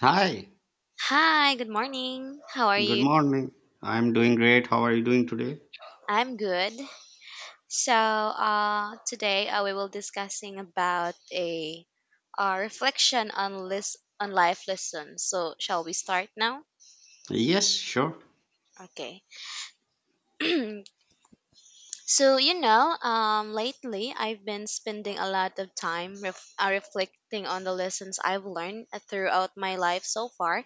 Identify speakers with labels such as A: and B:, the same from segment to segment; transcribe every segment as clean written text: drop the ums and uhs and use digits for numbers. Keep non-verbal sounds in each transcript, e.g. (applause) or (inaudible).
A: Hi,
B: Hi, good morning. How are
A: good
B: you?
A: morning. I'm doing great. How are you doing today?
B: I'm good. So, today we will discussing about a reflection on list on life lessons. So, shall we start now?
A: Yes, sure.
B: Okay. (clears throat) So, lately I've been spending a lot of time reflecting on the lessons I've learned throughout my life so far.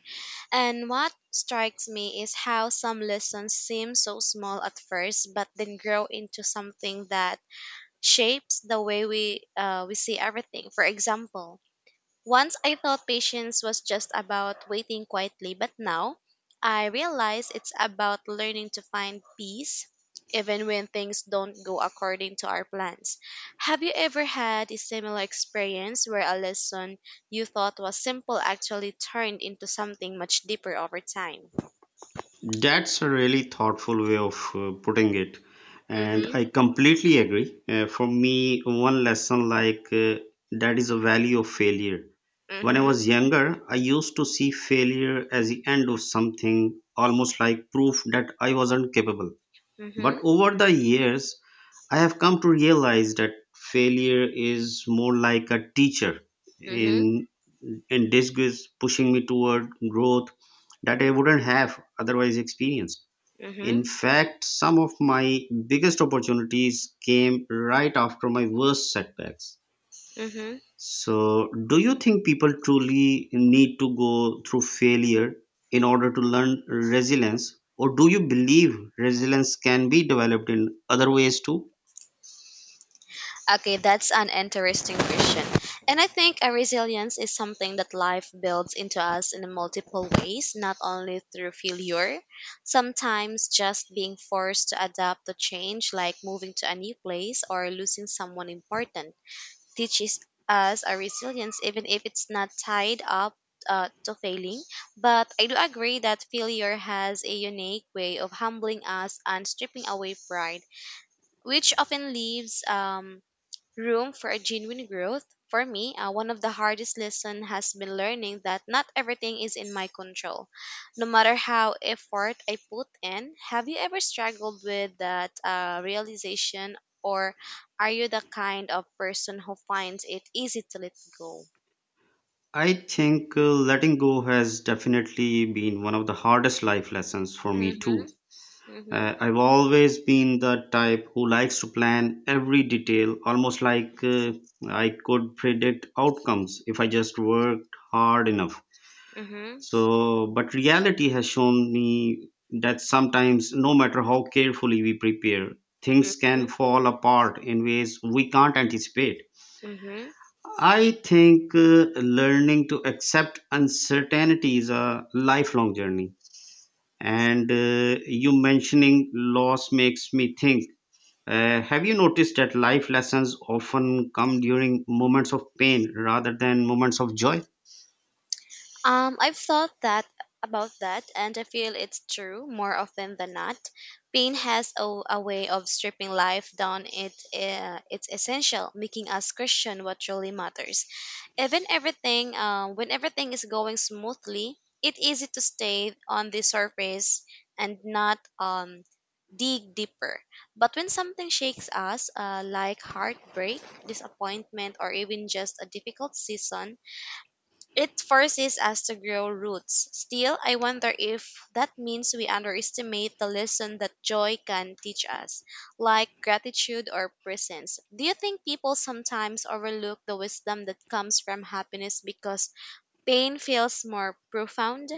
B: And what strikes me is how some lessons seem so small at first, but then grow into something that shapes the way we see everything. For example, once I thought patience was just about waiting quietly, but now I realize it's about learning to find peace even when things don't go according to our plans. Have you ever had a similar experience where a lesson you thought was simple actually turned into something much deeper over time?
A: That's a really thoughtful way of putting it. And
B: Mhm.
A: I completely agree. For me, one lesson like that is a value of failure. When I
B: Mhm.
A: was younger, I used to see failure as the end of something, almost like proof that I wasn't capable. But
B: Mhm.
A: over the years, I have come to realize that failure is more like a teacher
B: Mhm.
A: in in disguise, pushing me toward growth that I wouldn't have otherwise experienced. In
B: Mhm.
A: fact, some of my biggest opportunities came right after my worst setbacks.
B: Mhm.
A: So, do you think people truly need to go through failure in order to learn resilience, or do you believe resilience can be developed in other ways too?
B: Okay, that's an interesting question. And I think a resilience is something that life builds into us in multiple ways, not only through failure. Sometimes just being forced to adapt to change, like moving to a new place or losing someone important, teaches us a resilience, even if it's not tied up to failing. But I do agree that failure has a unique way of humbling us and stripping away pride, which often leaves room for a genuine growth. For me, one of the hardest lessons has been learning that not everything is in my control, no matter how effort I put in. Have you ever struggled with that realization, or are you the kind of person who finds it easy to let go?
A: I think letting go has definitely been one of the hardest life lessons for me
B: Mm-hmm,
A: too.
B: mm-hmm,
A: I've always been the type who likes to plan every detail, almost like I could predict outcomes if I just worked hard enough. So, but reality has shown me that sometimes, no matter how carefully we prepare, things
B: mm-hmm,
A: can fall apart in ways we can't anticipate.
B: mm-hmm.
A: I think learning to accept uncertainty is a lifelong journey. And you mentioning loss makes me think. Have you noticed that life lessons often come during moments of pain rather than moments of joy?
B: I've thought that about that, and I feel it's true more often than not. Pain has a way of stripping life down its essential, making us question what truly matters. When everything is going smoothly, it's easy to stay on the surface and not dig deeper. But when something shakes us, like heartbreak, disappointment, or even just a difficult season, it forces us to grow roots. Still, I wonder if that means we underestimate the lesson that joy can teach us, like gratitude or presence. Do you think people sometimes overlook the wisdom that comes from happiness because pain feels more profound?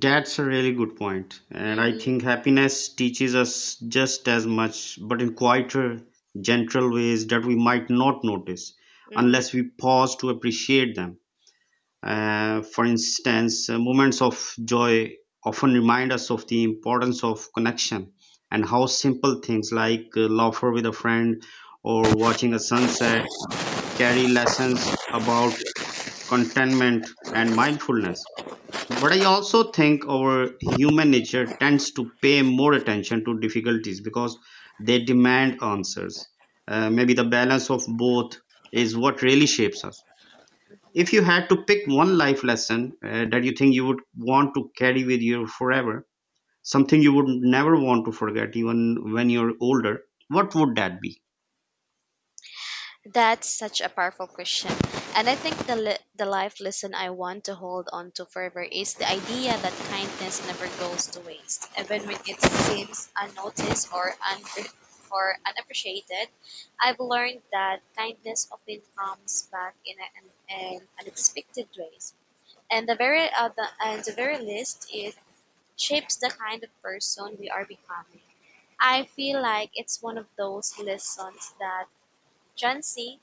A: That's a really good point. And I
B: Mm-hmm.
A: think happiness teaches us just as much, but in quieter, gentle ways that we might not notice
B: Mm-hmm.
A: unless we pause to appreciate them. For instance, moments of joy often remind us of the importance of connection and how simple things like laughter with a friend or watching a sunset carry lessons about contentment and mindfulness. But I also think our human nature tends to pay more attention to difficulties because they demand answers. Maybe the balance of both is what really shapes us. If you had to pick one life lesson that you think you would want to carry with you forever, something you would never want to forget even when you're older, what would that be?
B: That's such a powerful question. And I think the life lesson I want to hold on to forever is the idea that kindness never goes to waste. Even when it seems unnoticed or unappreciated, I've learned that kindness often comes back in unexpected ways. And the very least, it shapes the kind of person we are becoming. I feel like it's one of those lessons that Gen Z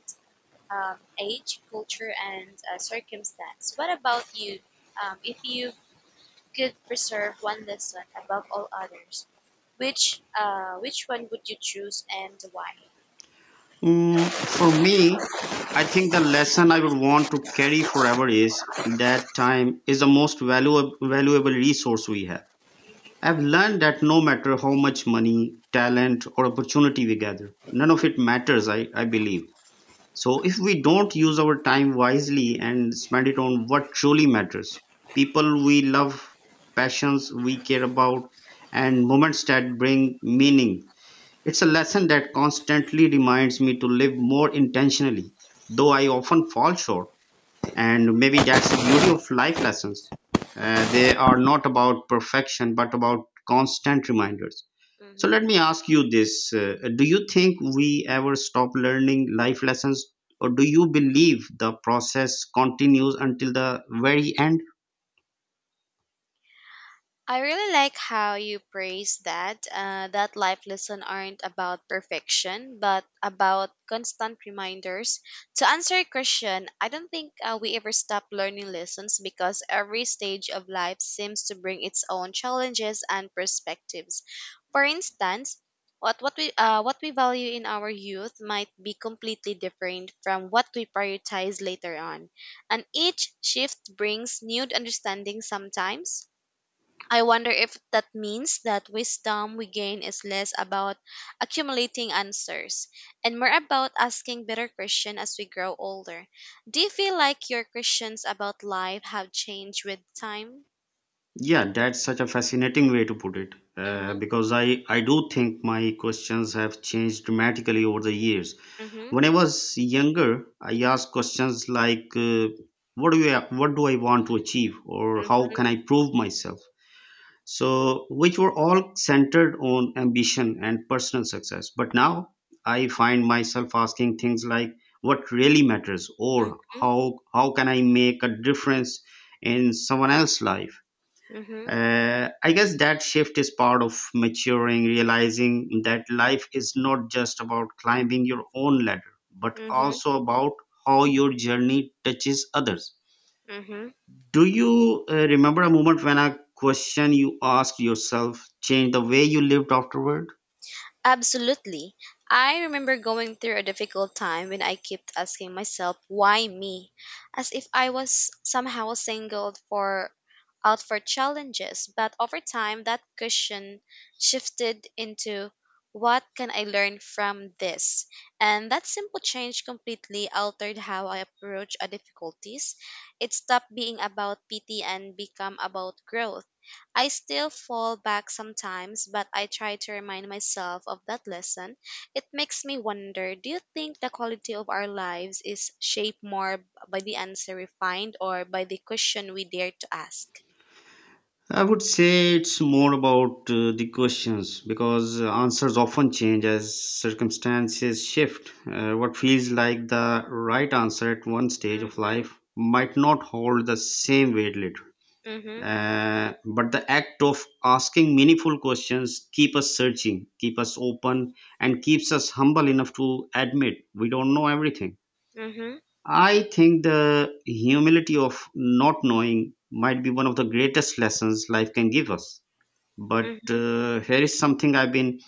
B: age, culture, and circumstance. What about you? If you could preserve one lesson above all others, which one would you choose and why?
A: Mm, for me, I think the lesson I would want to carry forever is that time is the most valuable resource we have. I've learned that no matter how much money, talent, or opportunity we gather, none of it matters, I believe. So if we don't use our time wisely and spend it on what truly matters, people we love, passions we care about, and moments that bring meaning, it's a lesson that constantly reminds me to live more intentionally, though I often fall short. And maybe that's the beauty of life lessons. They are not about perfection, but about constant reminders. So let
B: Mm-hmm.
A: me ask you this: do you think we ever stop learning life lessons, or do you believe the process continues until the very end?
B: I really like how you praise that. That life lessons aren't about perfection, but about constant reminders. To answer your question, I don't think we ever stop learning lessons because every stage of life seems to bring its own challenges and perspectives. For instance, what we value in our youth might be completely different from what we prioritize later on, and each shift brings new understanding. Sometimes I wonder if that means that wisdom we gain is less about accumulating answers and more about asking better questions as we grow older. Do you feel like your questions about life have changed with time?
A: Yeah, that's such a fascinating way to put it.
B: Mm-hmm.
A: Because I do think my questions have changed dramatically over the years.
B: Mm-hmm.
A: When I was younger, I asked questions like, what do I want to achieve, or how
B: Mm-hmm.
A: can I prove myself? So, which were all centered on ambition and personal success. But now I find myself asking things like, what really matters, or
B: Mm-hmm.
A: how can I make a difference in someone else's life?
B: Mm-hmm.
A: I guess that shift is part of maturing, realizing that life is not just about climbing your own ladder, but also about how your journey touches others.
B: Mm-hmm.
A: Do you remember a moment when a question you asked yourself changed the way you lived afterward?
B: Absolutely. I remember going through a difficult time when I kept asking myself, why me? As if I was somehow singled for out for challenges. But over time, that question shifted into, what can I learn from this? And that simple change completely altered how I approach a difficulties. It stopped being about pity and become about growth. I still fall back sometimes, but I try to remind myself of that lesson. It makes me wonder, do you think the quality of our lives is shaped more by the answer we find or by the question we dare to ask?
A: I would say it's more about the questions because answers often change as circumstances shift. What feels like the right answer at one stage of
B: Mm-hmm,
A: life might not hold the same weight later.
B: mm-hmm,
A: But the act of asking meaningful questions keep us searching, keep us open, and keeps us humble enough to admit we don't know everything.
B: mm-hmm,
A: I think the humility of not knowing might be one of the greatest lessons life can give us. But
B: mm-hmm.
A: here is something I've been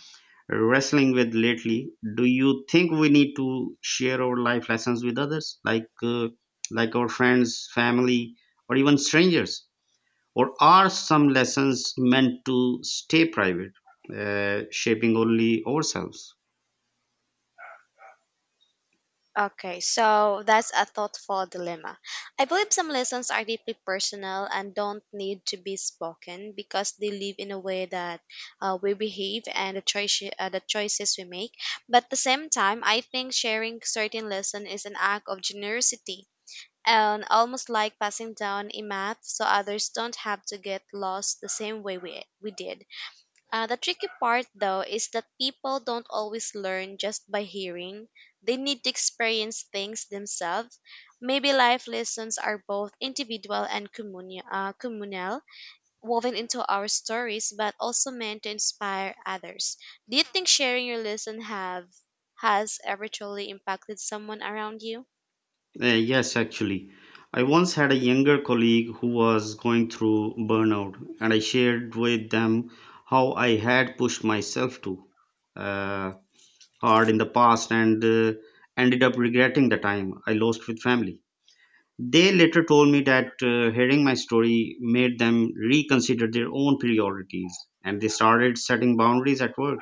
A: wrestling with lately. Do you think we need to share our life lessons with others, like our friends, family, or even strangers? Or are some lessons meant to stay private, shaping only ourselves?
B: Okay, so that's a thoughtful dilemma. I believe some lessons are deeply personal and don't need to be spoken because they live in a way that we behave and the choices we make. But at the same time, I think sharing certain lesson is an act of generosity and almost like passing down a map so others don't have to get lost the same way we did. The tricky part, though, is that people don't always learn just by hearing. They need to experience things themselves. Maybe life lessons are both individual and communal, woven into our stories, but also meant to inspire others. Do you think sharing your lesson have has ever truly impacted someone around you?
A: Yes, actually. I once had a younger colleague who was going through burnout, and I shared with them how I had pushed myself to. uh, Hard in the past and ended up regretting the time I lost with family. They later told me that hearing my story made them reconsider their own priorities and they started setting boundaries at work.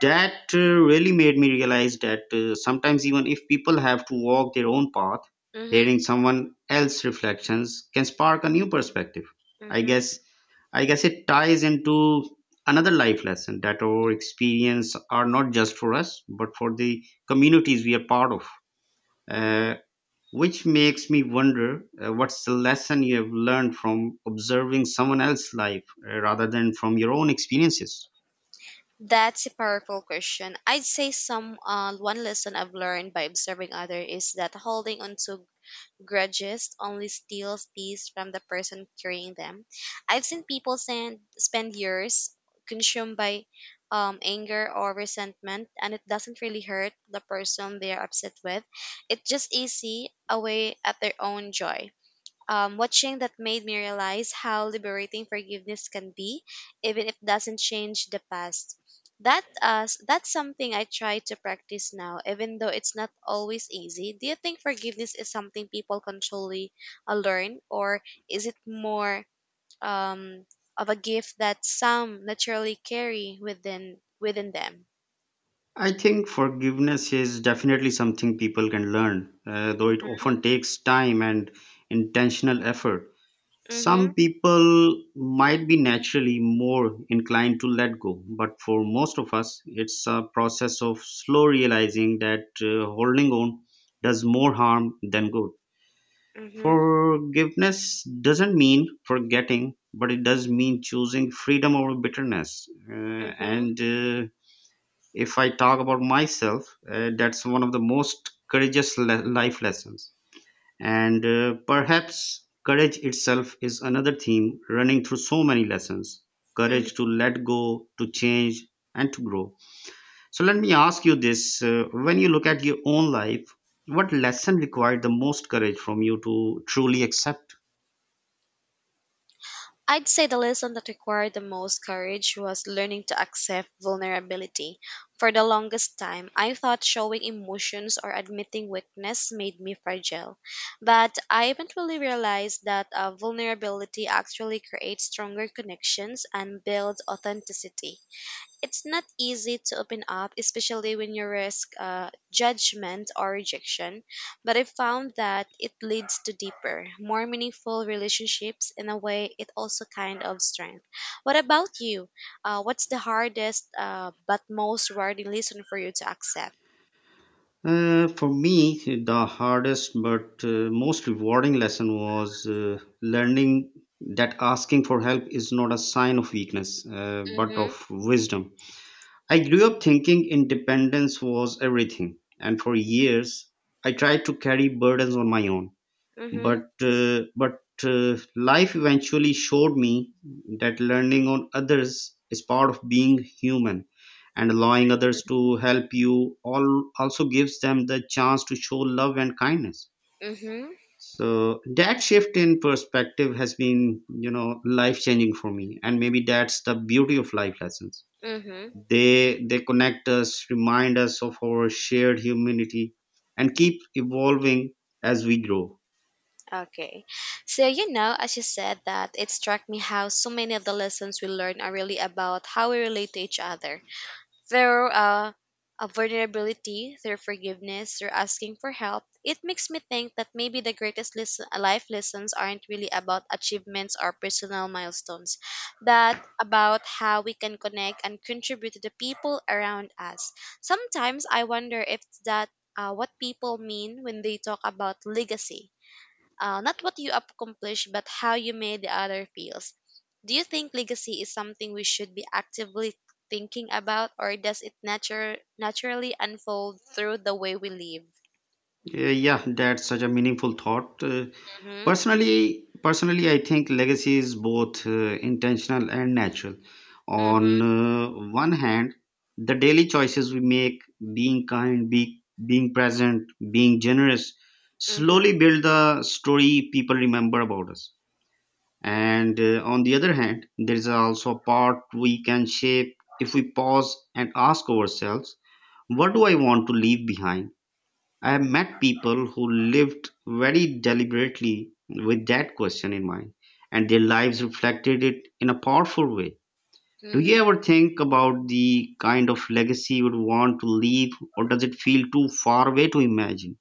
A: That really made me realize that sometimes, even if people have to walk their own path,
B: Mm-hmm.
A: hearing someone else's reflections can spark a new perspective. I guess, I guess it ties into another life lesson that our
B: Mm-hmm.
A: experience are not just for us, but for the communities we are part of. Uh, which makes me wonder, what's the lesson you have learned from observing someone else's life rather than from your own experiences.
B: That's a powerful question. I'd say some one lesson I've learned by observing others is that holding on to grudges only steals peace from the person carrying them. I've seen people spend years consumed by anger or resentment, and it doesn't really hurt the person they're upset with. It's just easy away at their own joy. Um, watching that made me realize how liberating forgiveness can be, even if it doesn't change the past. That that's something I try to practice now, even though it's not always easy. Do you think forgiveness is something people constantly learn, or is it more um, of a gift that some naturally carry within them?
A: I think forgiveness is definitely something people can learn, though it often takes time and intentional effort.
B: Mhm.
A: Some people might be naturally more inclined to let go, but for most of us, it's a process of slow realizing that holding on does more harm than good.
B: Mhm.
A: Forgiveness doesn't mean forgetting, but it does mean choosing freedom over bitterness.
B: Mhm.
A: And if I talk about myself that's one of the most courageous life lessons, and perhaps courage itself is another theme running through so many lessons,
B: Mhm.
A: courage to let go, to change, and to grow. So let me ask you this: when you look at your own life, what lesson required the most courage from you to truly accept?
B: I'd say the lesson that required the most courage was learning to accept vulnerability. For the longest time, I thought showing emotions or admitting weakness made me fragile. But I eventually realized that vulnerability actually creates stronger connections and builds authenticity. It's not easy to open up, especially when you risk judgment or rejection. But I found that it leads to deeper, more meaningful relationships. In a way, it also kind of strength. What about you? What's the hardest but most rewarding lesson for you to accept?
A: For me, the hardest but most rewarding lesson was learning that asking for help is not a sign of weakness, but
B: Mm-hmm.
A: of wisdom. I grew up thinking independence was everything, and for years I tried to carry burdens on my own,
B: Mm-hmm.
A: but life eventually showed me that learning on others is part of being human, and allowing others to help you all also gives them the chance to show love and kindness.
B: Mm-hmm.
A: So that shift in perspective has been, you know, life changing for me. And maybe that's the beauty of life lessons.
B: Mm-hmm.
A: They connect us, remind us of our shared humanity, and keep evolving as we grow.
B: Okay. So you know, as you said that, it struck me how so many of the lessons we learn are really about how we relate to each other. Their vulnerability, their forgiveness, their asking for help, it makes me think that maybe the greatest life lessons aren't really about achievements or personal milestones, but about how we can connect and contribute to the people around us. Sometimes I wonder if that what people mean when they talk about legacy, not what you accomplished, but how you made the other feels. Do you think legacy is something we should be actively thinking about, or does it nature naturally unfold through the way we live?
A: Yeah, that's such a meaningful thought.
B: Mm-hmm.
A: Personally, I think legacy is both intentional and natural. On
B: Mm-hmm.
A: one hand, the daily choices we make, being kind, being present, being generous,
B: Mm-hmm.
A: slowly build the story people remember about us. And on the other hand, there is also a part we can shape if we pause and ask ourselves, what do I want to leave behind? I have met people who lived very deliberately with that question in mind, and their lives reflected it in a powerful way. Do
B: Mm-hmm.
A: you ever think about the kind of legacy you would want to leave, or does it feel too far away to imagine?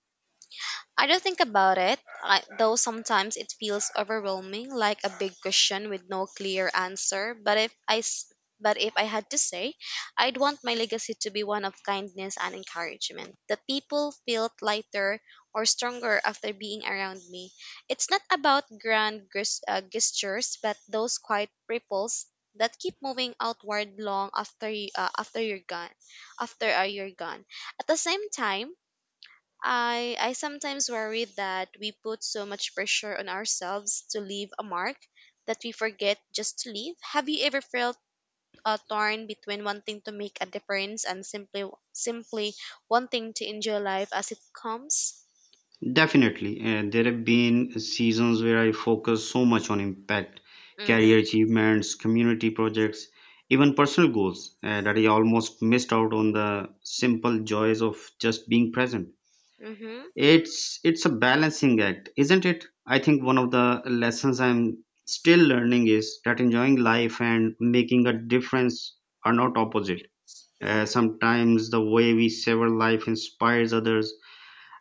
B: I don't think about it, though sometimes it feels overwhelming, like a big question with no clear answer. But if I had to say, I'd want my legacy to be one of kindness and encouragement. That people felt lighter or stronger after being around me. It's not about gestures, but those quiet ripples that keep moving outward long after you're gone. At the same time, I sometimes worry that we put so much pressure on ourselves to leave a mark that we forget just to leave. Have you ever felt torn between wanting to make a difference and simply wanting to enjoy life as it comes?
A: Definitely, and there have been seasons where I focus so much on impact,
B: Mhm.
A: career achievements, community projects, even personal goals, that I almost missed out on the simple joys of just being present.
B: Mhm.
A: It's a balancing act, isn't it? I think one of the lessons I'm still learning is that enjoying life and making a difference are not opposite.
B: Mhm.
A: Sometimes the way we savor life inspires others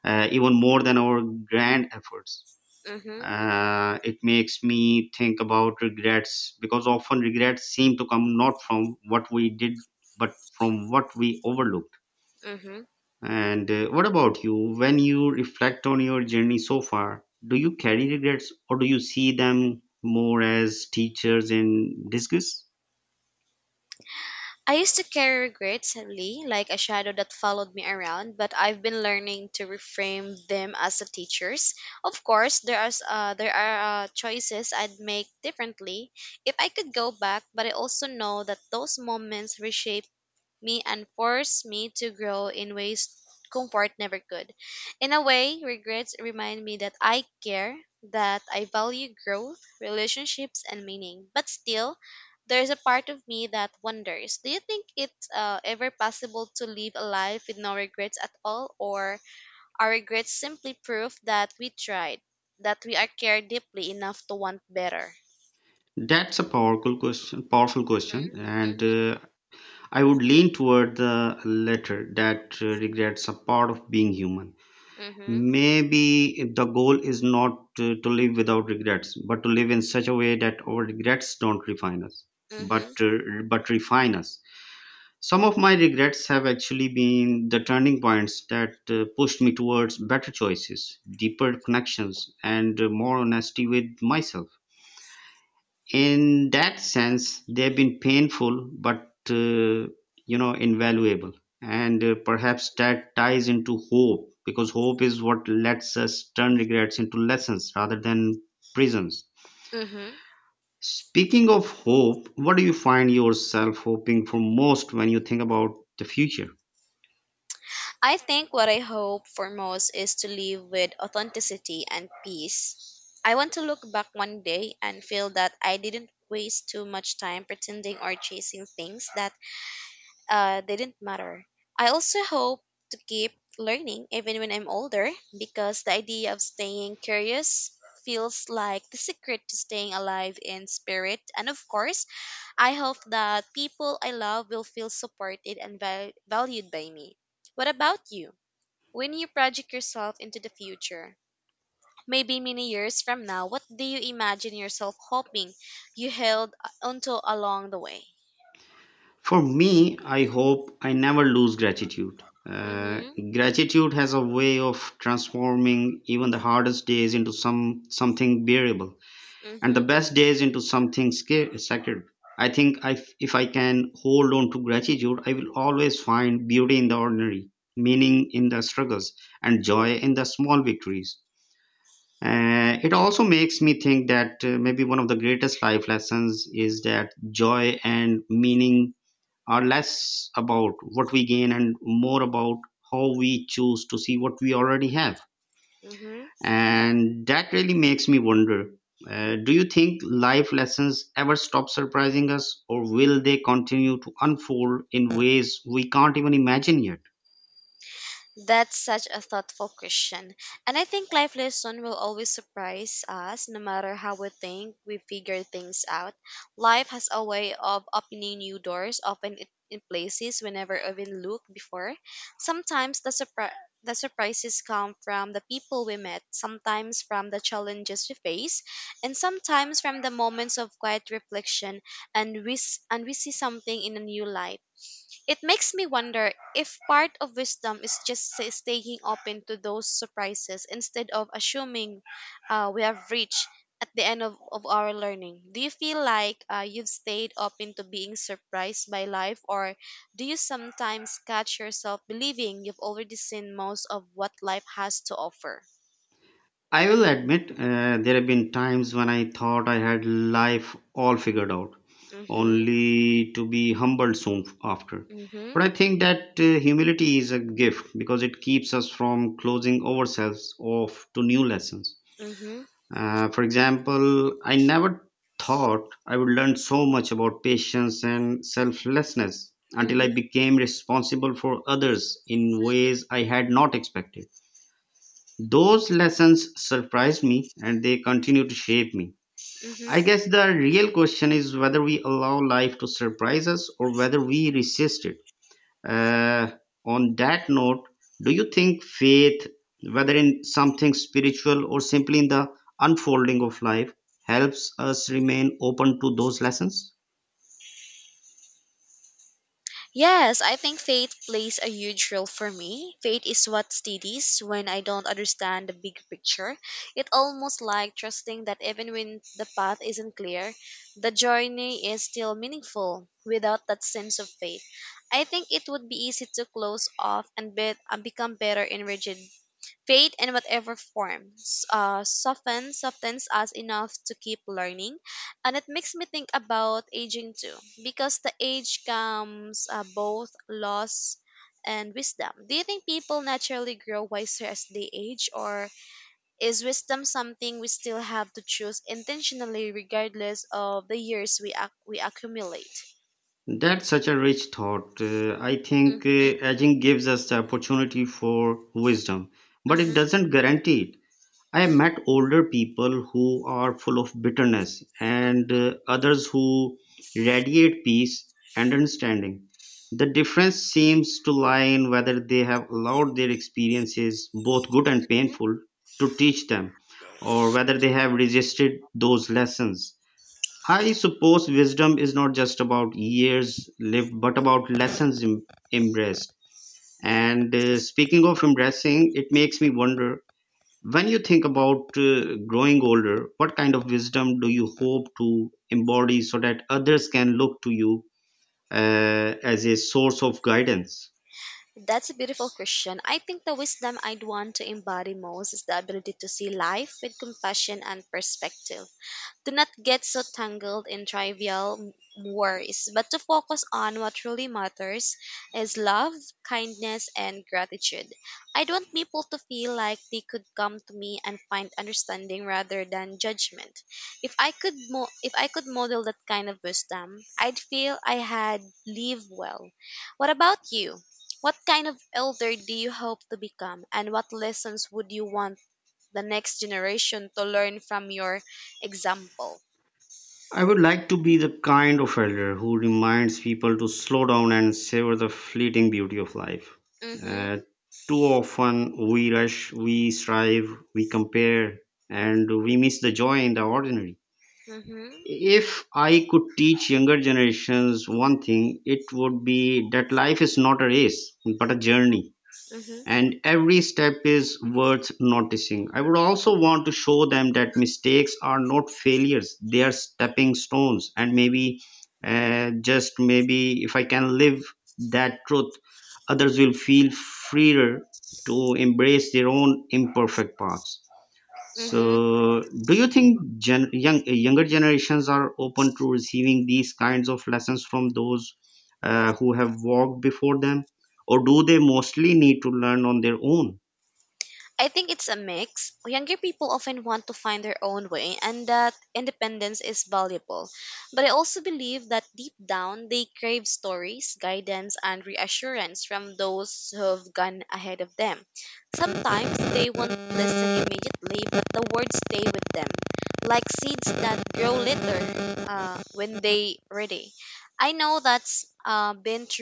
A: even more than our grand efforts.
B: Mhm.
A: It makes me think about regrets, because often regrets seem to come not from what we did but from what we overlook.
B: Mhm.
A: And what about you? When you reflect on your journey so far, do you carry regrets or do you see them more as teachers in disguise?
B: I used to carry regrets heavily, like a shadow that followed me around, but I've been learning to reframe them as a teachers. Of course, there are choices I'd make differently if I could go back, but I also know that those moments reshape me and forced me to grow in ways comfort never could. In a way, regrets remind me that I care, that I value growth, relationships, and meaning. But still, there's a part of me that wonders, do you think it's ever possible to live a life with no regrets at all, or are regrets simply proof that we tried, that we are cared deeply enough to want better?
A: That's a powerful question,
B: Mm-hmm.
A: and I would lean toward the latter that regrets are part of being human.
B: Mm-hmm.
A: Maybe the goal is not to live without regrets, but to live in such a way that our regrets don't refine us,
B: Mm-hmm.
A: but refine us. Some of my regrets have actually been the turning points that pushed me towards better choices, deeper connections, and more honesty with myself. In that sense, they've been painful, but you know, invaluable. And perhaps that ties into hope, because hope is what lets us turn regrets into lessons rather than prisons.
B: Mm-hmm.
A: Speaking of hope, what do you find yourself hoping for most when you think about the future?
B: I think what I hope for most is to live with authenticity and peace. I want to look back one day and feel that I didn't waste too much time pretending or chasing things that didn't matter. I also hope to keep learning even when I'm older because the idea of staying curious feels like the secret to staying alive in spirit. And of course, I hope that people I love will feel supported and valued by me. What about you? When you project yourself into the future, maybe many years from now, what do you imagine yourself hoping you held onto along the way?
A: For me, I hope I never lose gratitude. Uh,
B: Mm-hmm.
A: Gratitude has a way of transforming even the hardest days into something bearable, and the
B: Mm-hmm.
A: best days into something sacred. If I can hold on to gratitude, I will always find beauty in the ordinary, meaning in the struggles, and joy in the small victories. It also makes me think that maybe one of the greatest life lessons is that joy and meaning are less about what we gain and more about how we choose to see what we already have.
B: Mm-hmm.
A: And that really makes me wonder, do you think life lessons ever stop surprising us, or will they continue to unfold in ways we can't even imagine yet?
B: That's such a thoughtful question. And I think life lesson will always surprise us no matter how we think we figure things out. Life has a way of opening new doors, often in places we never even looked before. Sometimes the surprises come from the people we met, sometimes from the challenges we face, and sometimes from the moments of quiet reflection and we see something in a new light. It makes me wonder if part of wisdom is just staying open to those surprises instead of assuming we have reached at the end of our learning. Do you feel like you've stayed open to being surprised by life, or do you sometimes catch yourself believing you've already seen most of what life has to offer?
A: I will admit there have been times when I thought I had life all figured out,
B: Mm-hmm,
A: only to be humbled soon after.
B: mm-hmm,
A: But I think that humility is a gift because it keeps us from closing ourselves off to new lessons.
B: mm-hmm,
A: For example, I never thought I would learn so much about patience and selflessness until
B: mm-hmm,
A: I became responsible for others in ways I had not expected. Those lessons surprised me and they continue to shape me. I
B: mm-hmm.
A: guess the real question is whether we allow life to surprise us or whether we resist it. Uh, on that note, do you think faith, whether in something spiritual or simply in the unfolding of life, helps us remain open to those lessons?
B: Yes, I think faith plays a huge role for me. Faith is what steadies when I don't understand the big picture. It almost like trusting that even when the path isn't clear, the journey is still meaningful. Without that sense of faith, I think it would be easy to close off and, and become better in rigid. Faith in whatever form softens us enough to keep learning. And it makes me think about aging too, because the age comes both loss and wisdom. Do you think people naturally grow wiser as they age, or is wisdom something we still have to choose intentionally regardless of the years we accumulate?
A: That's such a rich thought. I think
B: Mm-hmm,
A: aging gives us the opportunity for wisdom, but it
B: mm-hmm.
A: doesn't guarantee it. I have met older people who are full of bitterness and others who radiate peace and understanding. The difference seems to lie in whether they have allowed their experiences, both good and painful, to teach them, or whether they have resisted those lessons. I suppose wisdom is not just about years lived, but about lessons embraced. And speaking of embracing, it makes me wonder, when you think about growing older, what kind of wisdom do you hope to embody so that others can look to you as a source of guidance?
B: That's a beautiful question. I think the wisdom I'd want to embody most is the ability to see life with compassion and perspective to not get so tangled in trivial worries, but to focus on what truly matters is love, kindness, and gratitude. I want people to feel like they could come to me and find understanding rather than judgment. If I could model that kind of wisdom, I'd feel I had lived well. What about you? What kind of elder do you hope to become, and what lessons would you want the next generation to learn from your example?
A: I would like to be the kind of elder who reminds people to slow down and savor the fleeting beauty of life. Uh,
B: Mhm.
A: Too often we rush, we strive, we compare, and we miss the joy in the ordinary.
B: Mhm.
A: If I could teach younger generations one thing, it would be that life is not a race, but a journey.
B: Mhm.
A: And every step is worth noticing. I would also want to show them that mistakes are not failures, they are stepping stones. And maybe, just maybe, if I can live that truth, others will feel freer to embrace their own imperfect paths.
B: Mhm.
A: So, do you think younger generations are open to receiving these kinds of lessons from those who have walked before them, or do they mostly need to learn on their own?
B: I think it's a mix. Younger people often want to find their own way, and that independence is valuable. But I also believe that deep down, they crave stories, guidance, and reassurance from those who've gone ahead of them. Sometimes they won't listen immediately, but the words stay with them, like seeds that grow later when they ready. I know that's been true